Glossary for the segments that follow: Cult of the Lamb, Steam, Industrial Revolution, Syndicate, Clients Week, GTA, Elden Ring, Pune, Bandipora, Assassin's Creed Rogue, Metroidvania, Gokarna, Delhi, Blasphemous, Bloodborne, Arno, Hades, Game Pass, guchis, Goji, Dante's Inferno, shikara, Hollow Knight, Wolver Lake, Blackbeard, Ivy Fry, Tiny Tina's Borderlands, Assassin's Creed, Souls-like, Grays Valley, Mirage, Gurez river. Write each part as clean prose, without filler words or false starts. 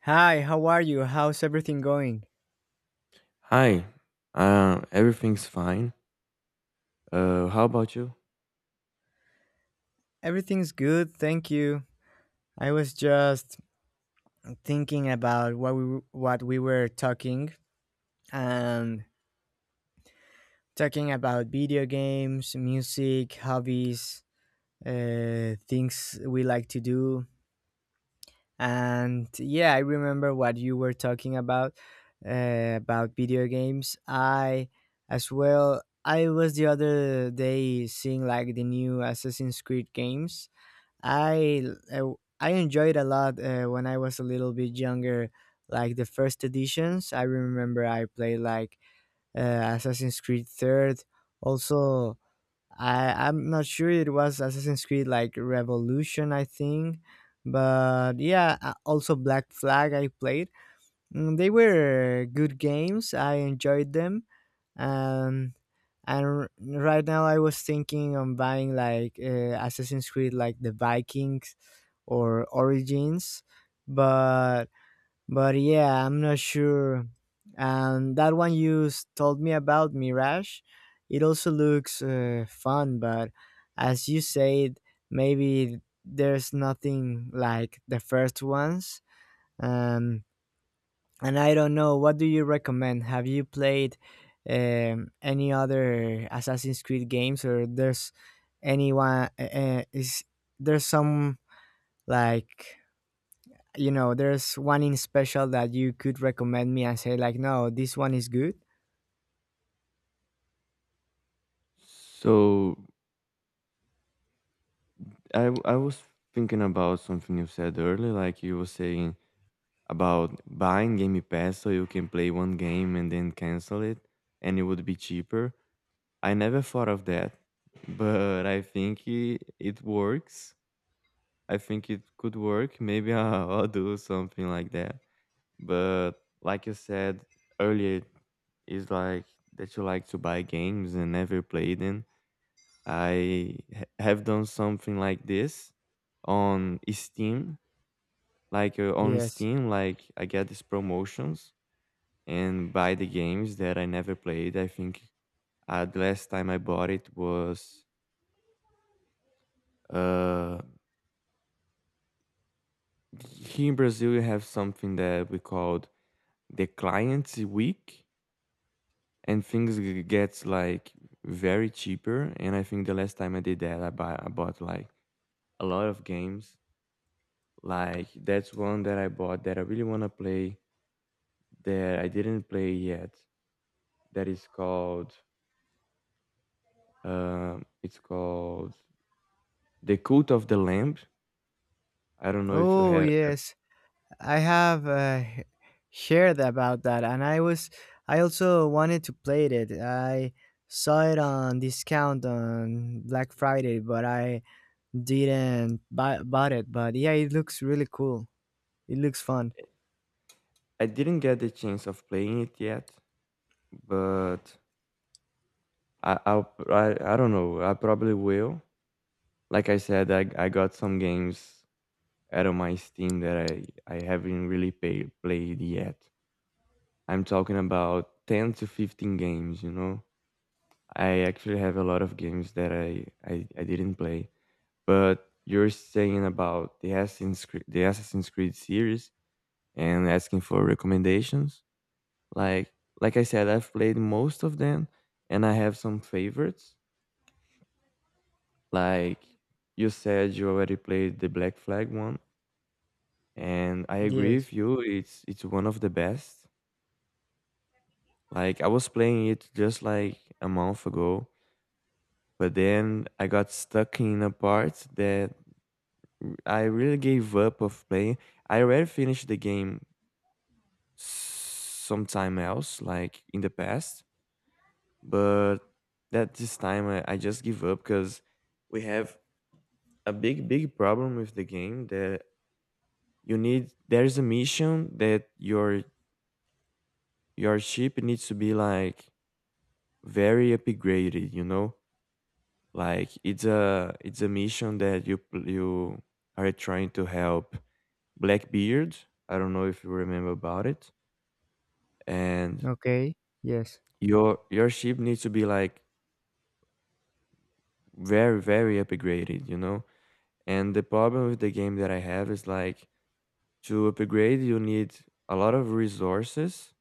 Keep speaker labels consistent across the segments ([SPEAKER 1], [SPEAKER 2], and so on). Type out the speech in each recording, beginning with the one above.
[SPEAKER 1] Hi, how are you? How's everything going?
[SPEAKER 2] Hi, everything's fine. How about you?
[SPEAKER 1] Everything's good, thank you. I was just thinking about what we were talking and talking about video games, music, hobbies, things we like to do. And yeah, I remember what you were talking about video games. I as well. I was the other day seeing like the new Assassin's Creed games. I uh, I enjoyed a lot when I was a little bit younger, like the first editions. I remember I played like Assassin's Creed Third. Also, I'm not sure it was Assassin's Creed like Revolution, I think, but yeah, also Black Flag I played. They were good games. I enjoyed them. Um, and right now I was thinking on buying like Assassin's Creed like the Vikings or Origins, but but yeah, I'm not sure. And that one you told me about, Mirage, it also looks fun, but as you said, maybe there's nothing like the first ones. um and I don't know. What do you recommend? Have you played any other Assassin's Creed games, or there's anyone? Is There's some, like, you know, there's one in special that you could recommend me and say like, no, this one is good.
[SPEAKER 2] So I was thinking about something you said earlier, like you were saying about buying Game Pass so you can play one game and then cancel it, and it would be cheaper. I never thought of that, but I think it works. I think it could work. Maybe I'll do something like that. But like you said earlier, is like that you like to buy games and never play them. I have done something like this on Steam, on
[SPEAKER 1] Yes.
[SPEAKER 2] Steam, like I get these promotions and buy the games that I never played. I think the last time I bought it was uh, here in Brazil. We have something that we called the Clients Week, and things gets like very cheaper. And I think the last time I did that, I bought like a lot of games. Like that's one that I bought that I really want to play, that I didn't play yet, that is called, it's called, The Cult of the Lamb. I don't know if you
[SPEAKER 1] Oh
[SPEAKER 2] have.
[SPEAKER 1] yes, I have heard about that, and I also wanted to play it. I saw it on discount on Black Friday, but I didn't buy bought it, but yeah, it looks really cool. It looks fun.
[SPEAKER 2] I didn't get the chance of playing it yet, but i I'll, I, I don't know, I probably will. Like I said, I got some games out of my Steam that I haven't really played yet. I'm talking about 10 to 15 games, you know? I actually have a lot of games that I didn't play. But you're saying about the the Assassin's Creed series and asking for recommendations. Like, like I said, I've played most of them and I have some favorites. Like you said, you already played the Black Flag one. And I agree
[SPEAKER 1] Yes.
[SPEAKER 2] with you, it's one of the best. Like I was playing it just like a month ago, but then I got stuck in a part that I really gave up of playing. I already finished the game sometime else, like in the past, but that this time I just give up because we have a big, big problem with the game, that you need. There's a mission that your ship needs to be like very upgraded, you know. Like it's a mission that you are trying to help Blackbeard. I don't know if you remember about it. And
[SPEAKER 1] Okay. Yes.
[SPEAKER 2] your ship needs to be like very, very upgraded, you know. And the problem with the game that I have is like, to upgrade you need a lot of resources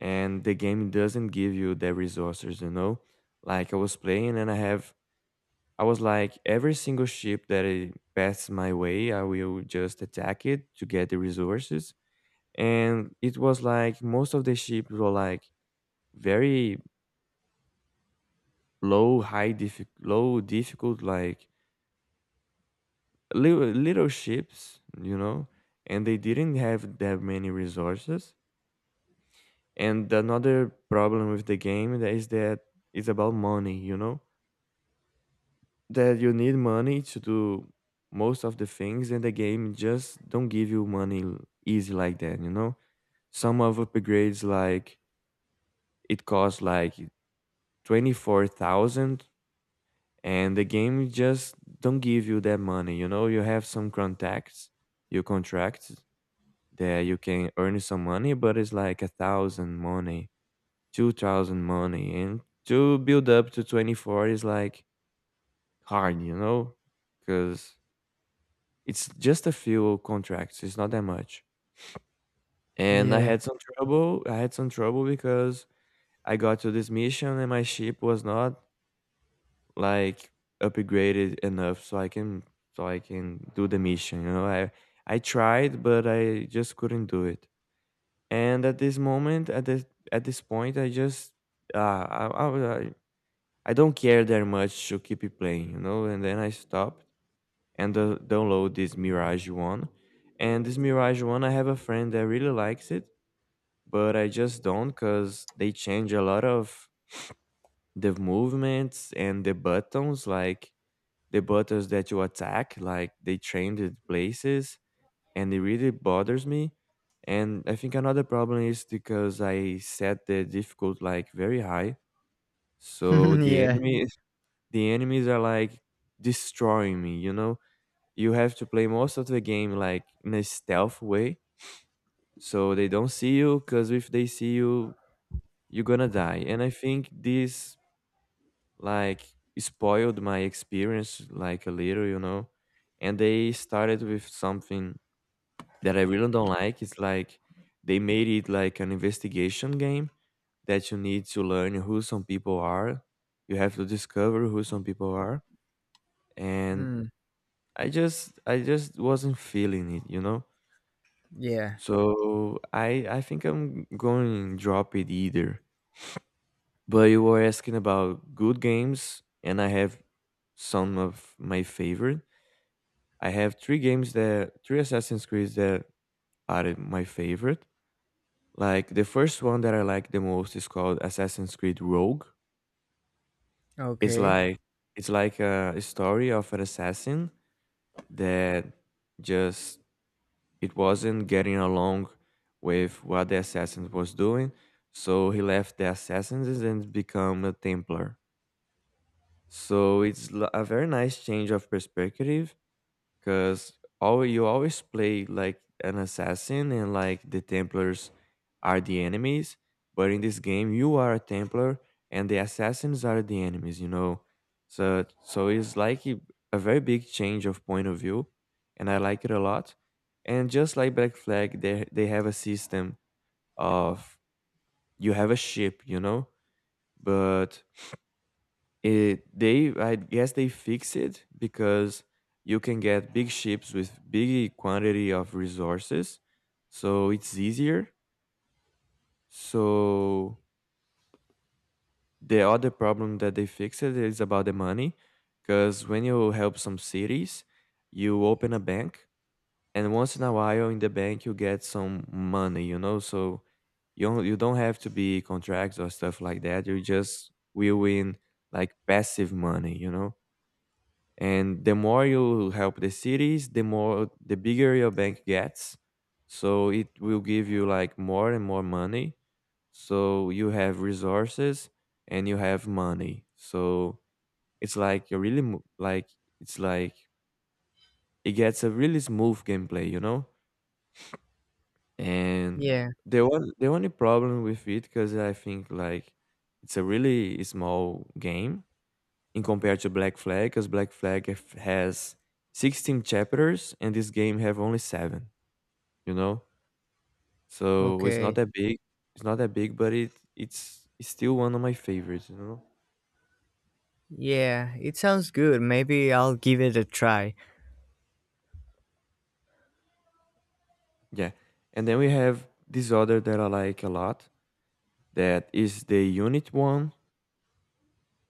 [SPEAKER 2] and the game doesn't give you the resources, you know. Like I was playing and I was like, every single ship that it passes my way, I will just attack it to get the resources. And it was like most of the ships were like very low, high, low, difficult, like little, little ships, you know, and they didn't have that many resources. And another problem with the game that is that it's about money, you know, that you need money to do most of the things, and the game just don't give you money easy like that, you know. Some of upgrades, like, it costs like 24,000, and the game just don't give you that money, you know. You have some contacts you contracts that you can earn some money, but it's like a thousand money, 2,000 money, and to build up to 24 is like hard, you know, because it's just a few contracts, it's not that much. And
[SPEAKER 1] Yeah.
[SPEAKER 2] I had some trouble because I got to this mission and my ship was not, like, upgraded enough so I can, so I can do the mission, you know? I tried, but I just couldn't do it. And at this moment, at this, at this point, I just, uh, I I I I don't care that much to keep it playing, you know? And then I stop and download this Mirage one. And this Mirage one, I have a friend that really likes it, but I just don't, because they change a lot of the movements and the buttons, like the buttons that you attack, like they change the places, and it really bothers me. And I think another problem is because I set the difficult like very high, so
[SPEAKER 1] Yeah.
[SPEAKER 2] the enemies are like destroying me, you know. You have to play most of the game like in a stealth way, so they don't see you, because if they see you, you're gonna die. And I think this, like, spoiled my experience like a little, you know. And they started with something that I really don't like. It's like they made it like an investigation game, that you need to learn who some people are, you have to discover who some people are. And
[SPEAKER 1] Mm.
[SPEAKER 2] I just wasn't feeling it, you know.
[SPEAKER 1] Yeah.
[SPEAKER 2] So I think I'm going to drop it either. But you were asking about good games, and I have some of my favorite. I have three games, that three Assassin's Creeds, that are my favorite. Like the first one that I like the most is called Assassin's Creed Rogue. It's
[SPEAKER 1] Okay.
[SPEAKER 2] like, it's like a story of an assassin that, just, it wasn't getting along with what the assassin was doing, so he left the assassins and become a templar. So it's a very nice change of perspective, because all, you always play like an assassin and like the templars are the enemies, but in this game you are a templar and the assassins are the enemies, you know. So it's like a very big change of point of view, and I like it a lot. And just like Black Flag, they have a system of, you have a ship, you know, but it they I guess they fix it, because you can get big ships with big quantity of resources, so it's easier. So the other problem that they fixed is about the money, because when you help some cities, you open a bank, and once in a while in the bank you get some money, you know. So you don't have to be contracts or stuff like that, you just will win like passive money, you know. And the more you help the cities, the bigger your bank gets, so it will give you like more and more money. So you have resources and you have money, so it's like a really it's like it gets a really smooth gameplay, you know. And
[SPEAKER 1] Yeah.
[SPEAKER 2] the one, the only problem with it, because I think like, it's a really small game in compared to Black Flag, because Black Flag has 16 chapters and this game have only seven, you know? So it's not
[SPEAKER 1] Okay.
[SPEAKER 2] that big. It's not that big, but it's still one of my favorites, you know?
[SPEAKER 1] Yeah. It sounds good. Maybe I'll give it a try.
[SPEAKER 2] Yeah. And then we have this other that I like a lot. That is the unit one.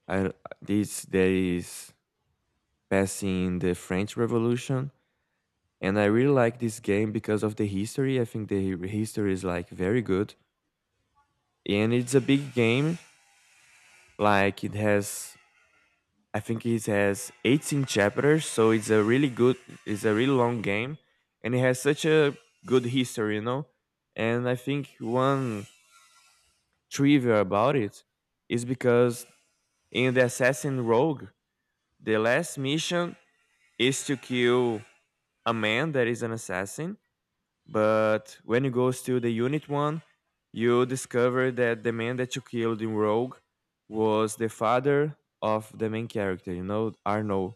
[SPEAKER 2] I, this that is passing the French Revolution. And I really like this game because of the history. I think the history is like very good. And it's a big game. Like it has, I think it has 18 chapters, so it's a really good, it's a really long game, and it has such a good history, you know. And I think one trivia about it is because in the Assassin Rogue, the last mission is to kill a man that is an assassin. But when it goes to the unit one, you discover that the man that you killed in Rogue was the father of the main character, you know, Arno,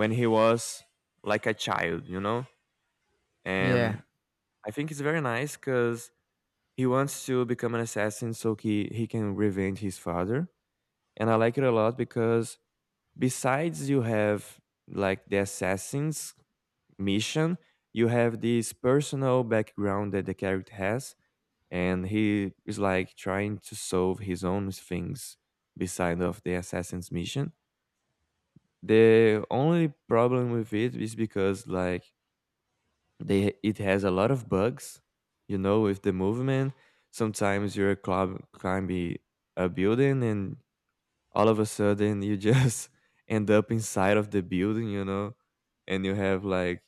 [SPEAKER 2] when he was like a child, you know? And
[SPEAKER 1] Yeah.
[SPEAKER 2] I think it's very nice because he wants to become an assassin so he can revenge his father. And I like it a lot because besides you have like the assassin's mission, you have this personal background that the character has, and he is like trying to solve his own things beside of the assassin's mission. The only problem with it is because like, they, it has a lot of bugs, you know, with the movement. Sometimes you're club climbing a building and all of a sudden you just end up inside of the building, you know, and you have like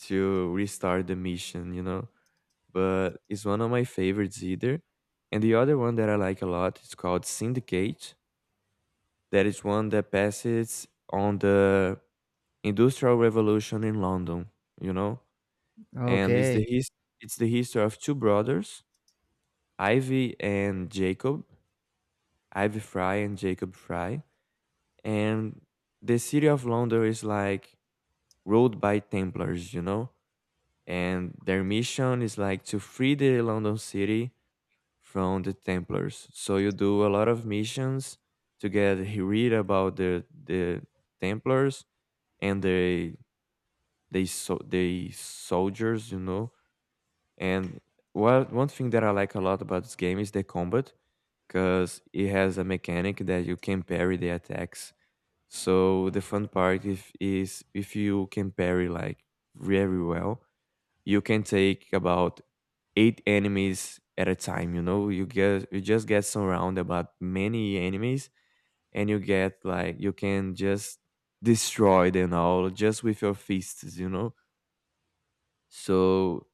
[SPEAKER 2] to restart the mission, you know. But it's one of my favorites either. And the other one that I like a lot is called Syndicate. That is one that passes on the Industrial Revolution in London, you know? And it's the
[SPEAKER 1] Okay.
[SPEAKER 2] his, it's the history of two brothers, Ivy and Jacob, Ivy Fry and Jacob Fry. And the city of London is like ruled by Templars, you know? And their mission is like to free the London city from the Templars. So you do a lot of missions to get he read about the Templars and they soldiers, you know. And what one thing that I like a lot about this game is the combat because it has a mechanic that you can parry the attacks. So the fun part if, is if you can parry like very well, you can take about eight enemies at a time, you know, you just get surrounded about many enemies, and you get like you can just destroy them all just with your fists, you know. So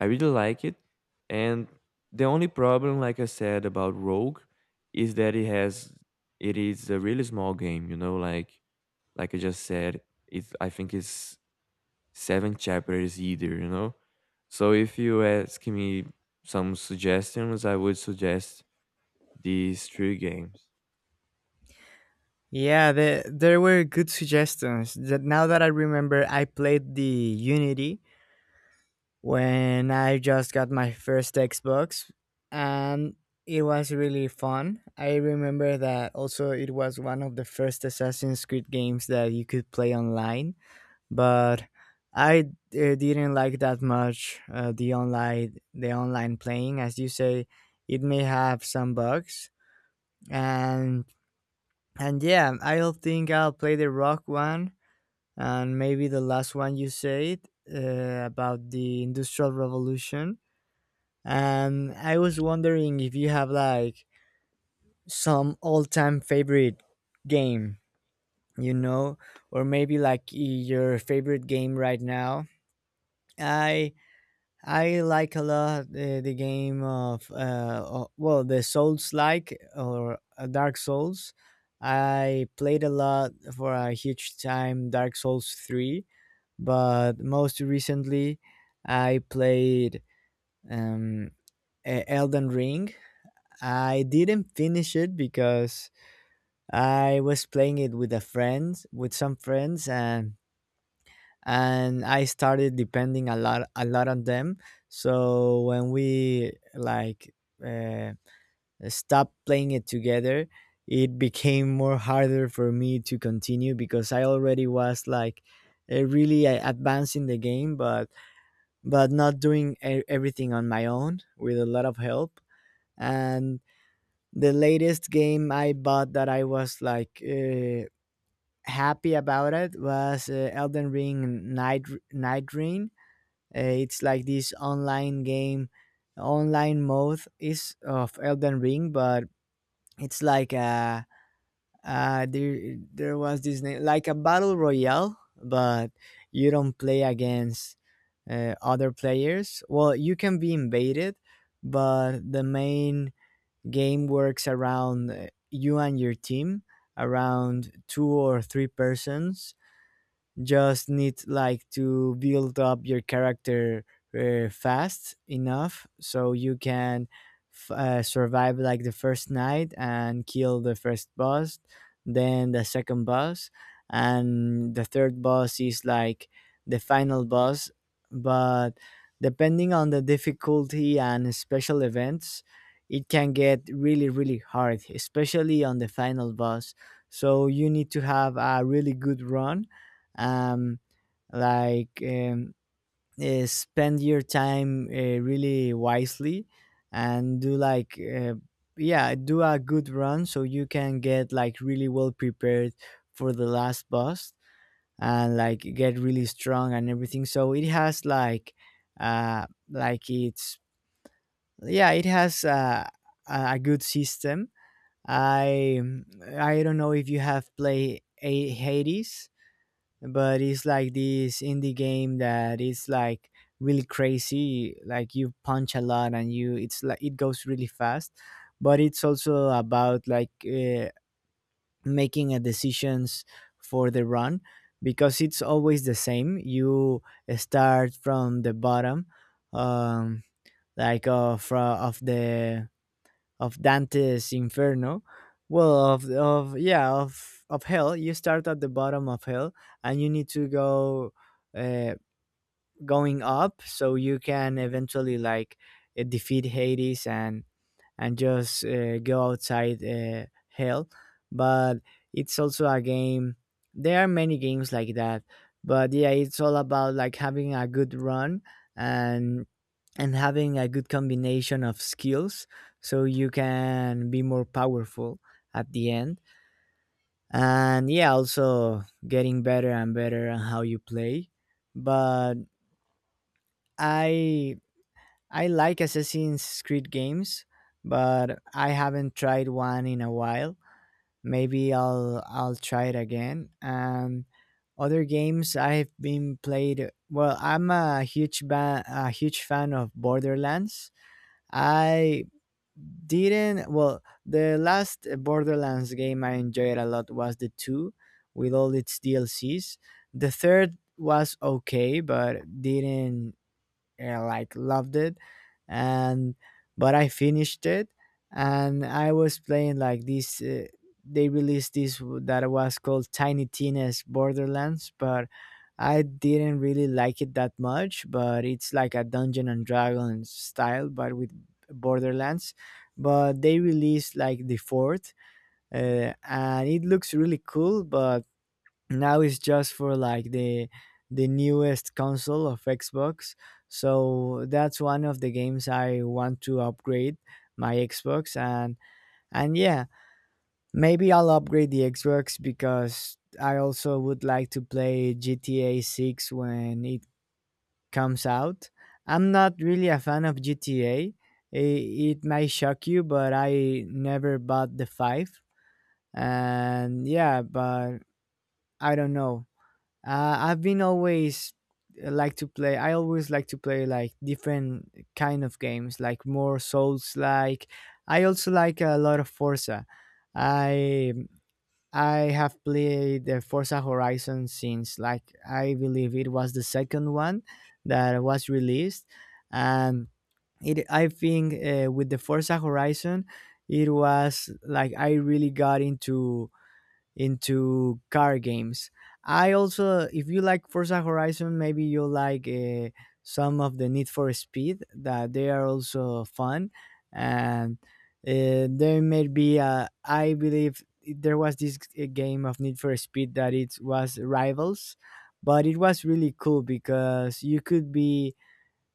[SPEAKER 2] I really like it. And the only problem, like I said about Rogue, is that it is a really small game, you know, like I just said, it's I think it's seven chapters either, you know? So if you ask me some suggestions, I would suggest these three games.
[SPEAKER 1] Yeah, there were good suggestions. That Now that I remember, I played the Unity when I just got my first Xbox, and it was really fun. I remember that also it was one of the first Assassin's Creed games that you could play online, but I didn't like that much the online playing. As you say, it may have some bugs, and and yeah, I'll think I'll play the Rock one, and maybe the last one you said about the Industrial Revolution. And I was wondering if you have like some all-time favorite game, you know, or maybe like your favorite game right now. I I like a lot the game of well, the Souls like, or Dark Souls. I played a lot for a huge time Dark Souls 3, but most recently I played um Elden Ring. I didn't finish it because I was playing it with some friends, and I started depending a lot on them. So when we like uh, stopped playing it together, it became more harder for me to continue because I already was like really advancing the game, but not doing everything on my own with a lot of help. And the latest game I bought that I was like happy about it was Elden Ring Night Ring. It's like this online game, online mode is of Elden Ring, but it's like a there there was this name like a battle royale, but you don't play against other players. Well, you can be invaded, but the main game works around you and your team, around two or three persons, just need like to build up your character fast enough so you can survive like the first night and kill the first boss, then the second boss, and the third boss is like the final boss. But depending on the difficulty and special events, it can get really, really hard, especially on the final boss. So you need to have a really good run, um, like spend your time really wisely, and do like yeah, do a good run so you can get like really well prepared for the last boss, and like get really strong and everything, so it has like it's yeah, it has a good system. I i don't know if you have played Hades, but it's like this indie game that is like really crazy, like you punch a lot, and you it's like it goes really fast, but it's also about like making a decisions for the run, because it's always the same. You start from the bottom, um like from of the of Dante's Inferno, well, of yeah, of hell. You start at the bottom of hell, and you need to go uh, going up, so you can eventually like defeat Hades, and just go outside hell. But it's also a game. There are many games like that, but yeah, it's all about like having a good run, and having a good combination of skills so you can be more powerful at the end, and yeah, also getting better and better on how you play. But i I like Assassin's Creed games, but I haven't tried one in a while. Maybe I'll try it again. And other games I've been played. Well, I'm a huge fan of Borderlands. I didn't. Well, the last Borderlands game I enjoyed a lot was the two, with all its DLCs. The third was okay, but didn't like loved it, and but I finished it. And I was playing like this, they released this that was called Tiny Tina's Borderlands, but I didn't really like it that much, but it's like a dungeon and dragon style, but with Borderlands. But they released like the fourth, and it looks really cool, but now it's just for like the newest console of Xbox. So that's one of the games I want to upgrade my Xbox, and yeah, maybe I'll upgrade the Xbox because I also would like to play GTA 6 when it comes out. I'm not really a fan of GTA. It may shock you, but I never bought the 5, and yeah, but I don't know. I've been always like to play. I always like to play like different kind of games, like more Souls like. I also like a lot of Forza. I I have played the Forza Horizon since like I believe it was the second one that was released, and it I think with the Forza Horizon, it was like I really got into car games. I also, if you like Forza Horizon, maybe you like some of the Need for Speed that they are also fun, and there may be a. I believe there was this game of Need for Speed that it was Rivals, but it was really cool because you could be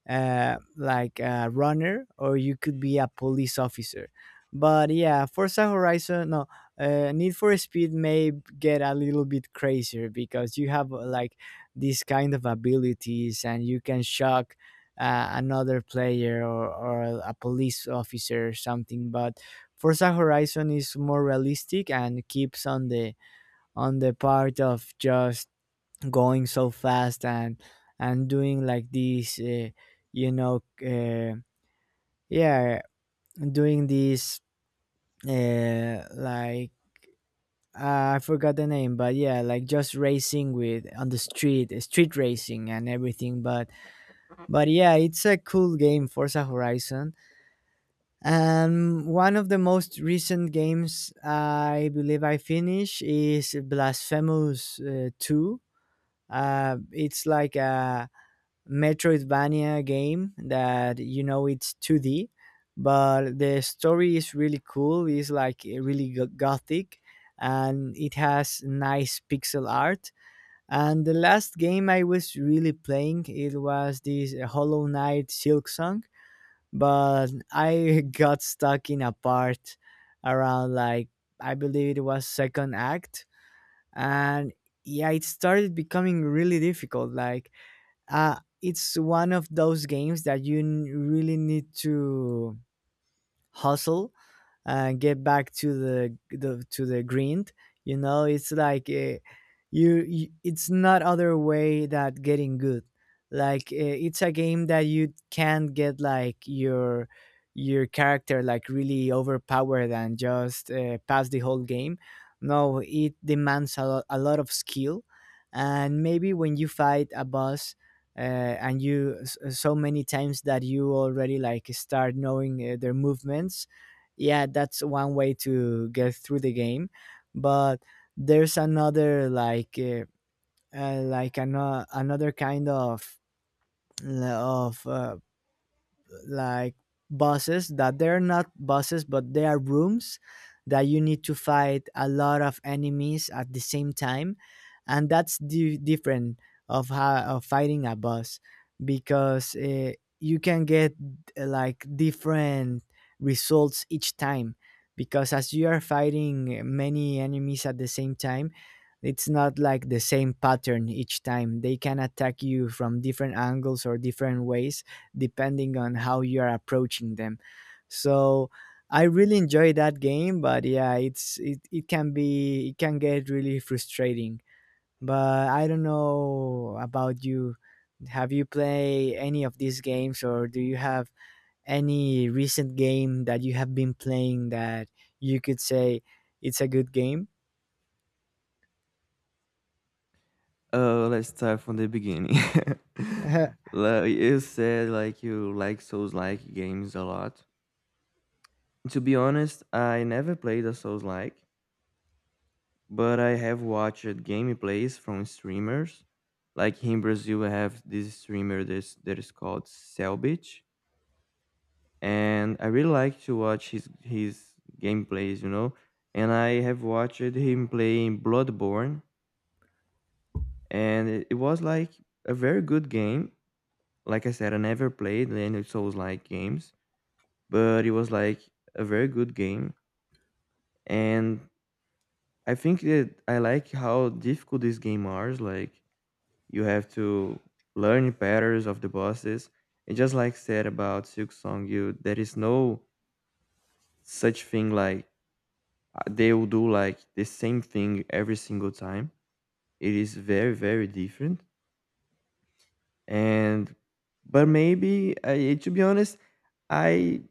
[SPEAKER 1] like a runner, or you could be a police officer. But yeah, Forza Horizon, no, Need for Speed may get a little bit crazier because you have like these kind of abilities, and you can shock another player, or a police officer, or something. But Forza Horizon is more realistic and keeps on the part of just going so fast, and doing like these you know uh, yeah, doing these like I forgot the name, but yeah, like just racing with on the street, street racing and everything, but yeah, it's a cool game, Forza Horizon. And one of the most recent games I believe I finished is Blasphemous 2, it's like a Metroidvania game, that you know, it's 2D, but the story is really cool. It's like really gothic, and it has nice pixel art. And the last game I was really playing, it was this Hollow Knight Silk Song, but I got stuck in a part, around like I believe it was second act, and yeah, it started becoming really difficult. Like it's one of those games that you really need to hustle and get back to the grind. You know, it's like you, you. It's not other way that getting good. Like it's a game that you can't get like your character like really overpowered and just pass the whole game. No, it demands a lot of skill, and maybe when you fight a boss, and you so many times that you already like start knowing their movements, yeah, that's one way to get through the game. But there's another, like another kind of of uh, like bosses, that they're not bosses, but they are rooms, that you need to fight a lot of enemies at the same time. And that's different of how of fighting a boss, because you can get like different results each time, because as you are fighting many enemies at the same time, it's not like the same pattern each time, they can attack you from different angles or different ways depending on how you are approaching them. So I really enjoy that game, but yeah, it's it, it can be it can get really frustrating. But I don't know about you. Have you played any of these games, or do you have any recent game that you have been playing that you could say it's a good game?
[SPEAKER 2] Let's start from the beginning. Like, you said like you like Souls-like games a lot. To be honest, I never played a Souls-like, but I have watched gameplays from streamers. Like in Brazil, we have this streamer that is called Selbit. And I really like to watch his gameplays, you know. And I have watched him playing Bloodborne, and it was like a very good game. Like I said, I never played any Souls like games, but it was like a very good game. And I think that I like how difficult these game are. Like you have to learn patterns of the bosses. And just like said about Silk Song, you there is no such thing like they'll do like the same thing every single time. It is very, very different. And but maybe I, to be honest, I,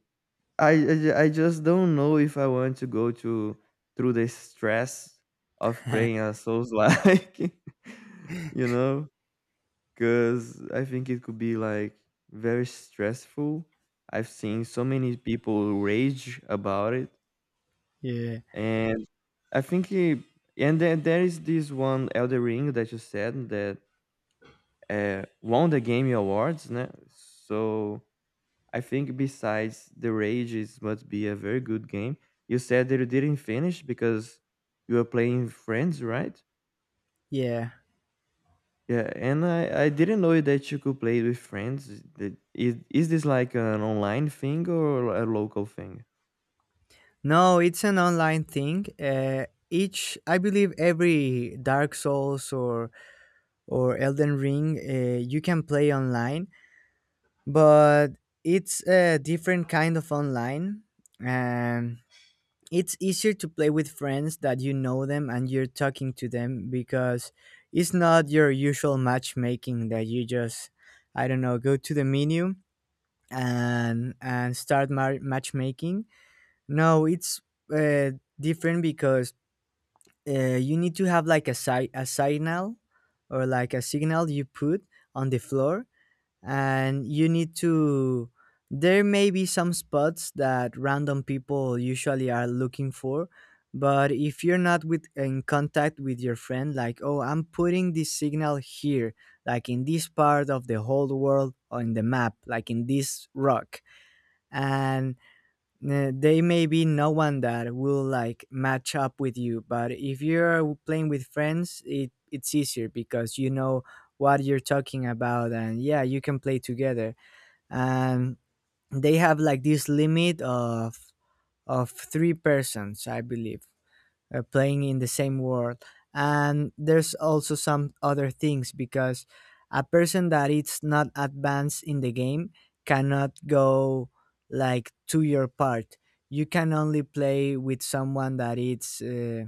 [SPEAKER 2] I just don't know if I want to go to through the stress of praying a souls like, you know, because I think it could be like very stressful. I've seen so many people rage about it.
[SPEAKER 1] Yeah.
[SPEAKER 2] And I think and then there is this one Elder Ring that you said that won the Game Awards, né? So I think besides the Rage, it must be a very good game. You said that you didn't finish because you were playing friends, right?
[SPEAKER 1] Yeah.
[SPEAKER 2] Yeah, and I didn't know that you could play with friends. Is is this like an online thing or a local thing?
[SPEAKER 1] No, it's an online thing. Each I believe every Dark Souls or Elden Ring, you can play online, but it's a different kind of online. Um, it's easier to play with friends that you know them, and you're talking to them, because it's not your usual matchmaking that you just, I don't know, go to the menu and start matchmaking. No, it's uh, different, because you need to have like a signal, or like a signal you put on the floor, and you need to there may be some spots that random people usually are looking for, but if you're not with in contact with your friend, like, oh, I'm putting this signal here, like in this part of the whole world on the map, like in this rock, and they may be no one that will like match up with you. But if you're playing with friends, it's easier, because you know what you're talking about, and yeah, you can play together. And they have like this limit of three persons, I believe, playing in the same world. And there's also some other things, because a person that is not advanced in the game cannot go like to your part. You can only play with someone that is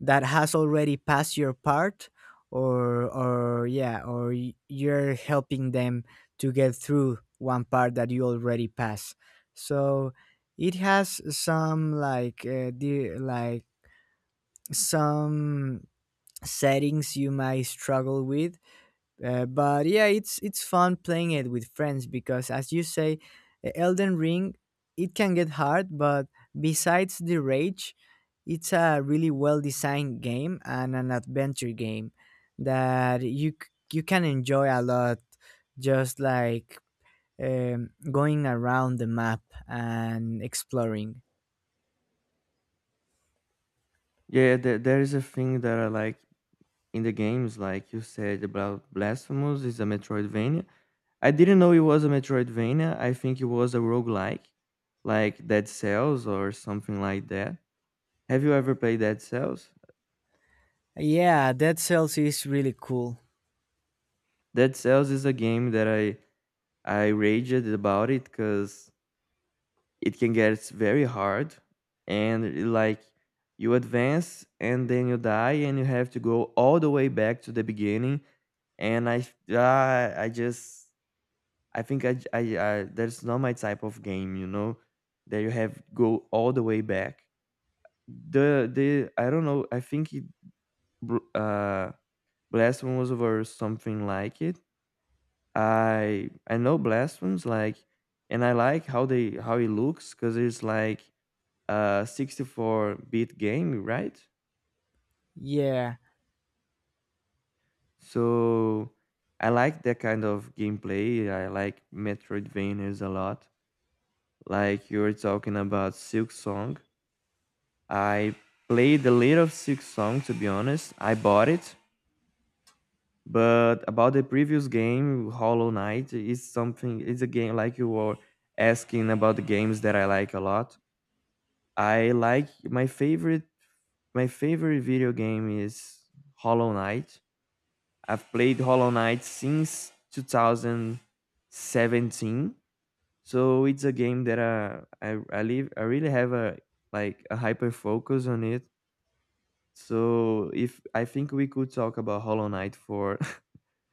[SPEAKER 1] that has already passed your part, or yeah, or you're helping them to get through one part that you already pass. So it has some like the like some settings you might struggle with, but yeah, it's fun playing it with friends because, as you say, Elden Ring, it can get hard, but besides the rage, it's a really well designed game, and an adventure game that you you can enjoy a lot, just like going around the map and exploring.
[SPEAKER 2] Yeah, there is a thing that I like in the games, like you said about Blasphemous is a Metroidvania. I didn't know it was a Metroidvania. I think it was a roguelike, like Dead Cells or something like that. Have you ever played Dead Cells?
[SPEAKER 1] Yeah, Dead Cells is really cool.
[SPEAKER 2] Dead Cells is a game that I raged about, it because it can get very hard, and it, like, you advance and then you die and you have to go all the way back to the beginning. And I just I think I, j- I- that's not my type of game, you know, that you have go all the way back. The I don't know. I think br- uh, Blasphemous or something like it. I know Blasphemous like, and I like how it looks because it's like a 64 bit game, right?
[SPEAKER 1] Yeah.
[SPEAKER 2] So I like that kind of gameplay. I like Metroidvanias a lot. Like you were talking about Silk Song. I played a little six song to be honest. I bought it, but about the previous game, Hollow Knight is something. It's a game, like you were asking about the games that I like a lot. I like my favorite. My favorite video game is Hollow Knight. I've played Hollow Knight since 2017, so it's a game that I really have a like a hyper focus on it. So if I think we could talk about Hollow Knight for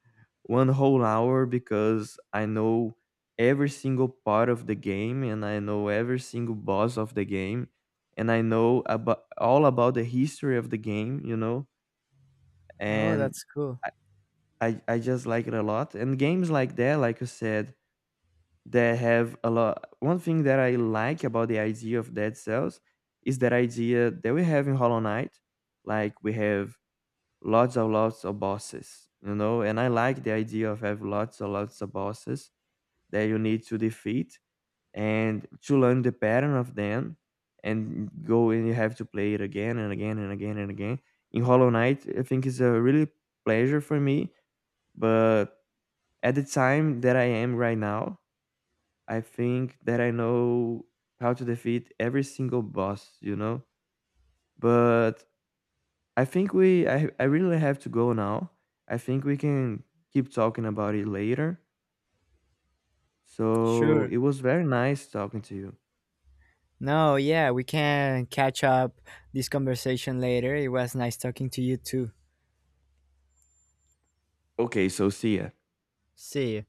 [SPEAKER 2] one whole hour because I know every single part of the game and I know every single boss of the game and I know about all about the history of the game, you know.
[SPEAKER 1] Oh,
[SPEAKER 2] And
[SPEAKER 1] that's cool.
[SPEAKER 2] I, I just like it a lot. And games like that, like you said, they have a lot. One thing that I like about the idea of Dead Cells is that idea that we have in Hollow Knight. Like we have lots of lots of bosses, you know, and I like the idea of have lots of bosses that you need to defeat and to learn the pattern of them and go and you have to play it again and again and again and again. In Hollow Knight, I think it's a really pleasure for me, but at the time that I am right now, I think that I know how to defeat every single boss, you know? But I think we I really have to go now. I think we can keep talking about it later. So
[SPEAKER 1] Sure.
[SPEAKER 2] it was very nice talking to you.
[SPEAKER 1] No, yeah, we can catch up this conversation later. It was nice talking to you too.
[SPEAKER 2] Okay, so see ya.
[SPEAKER 1] See you.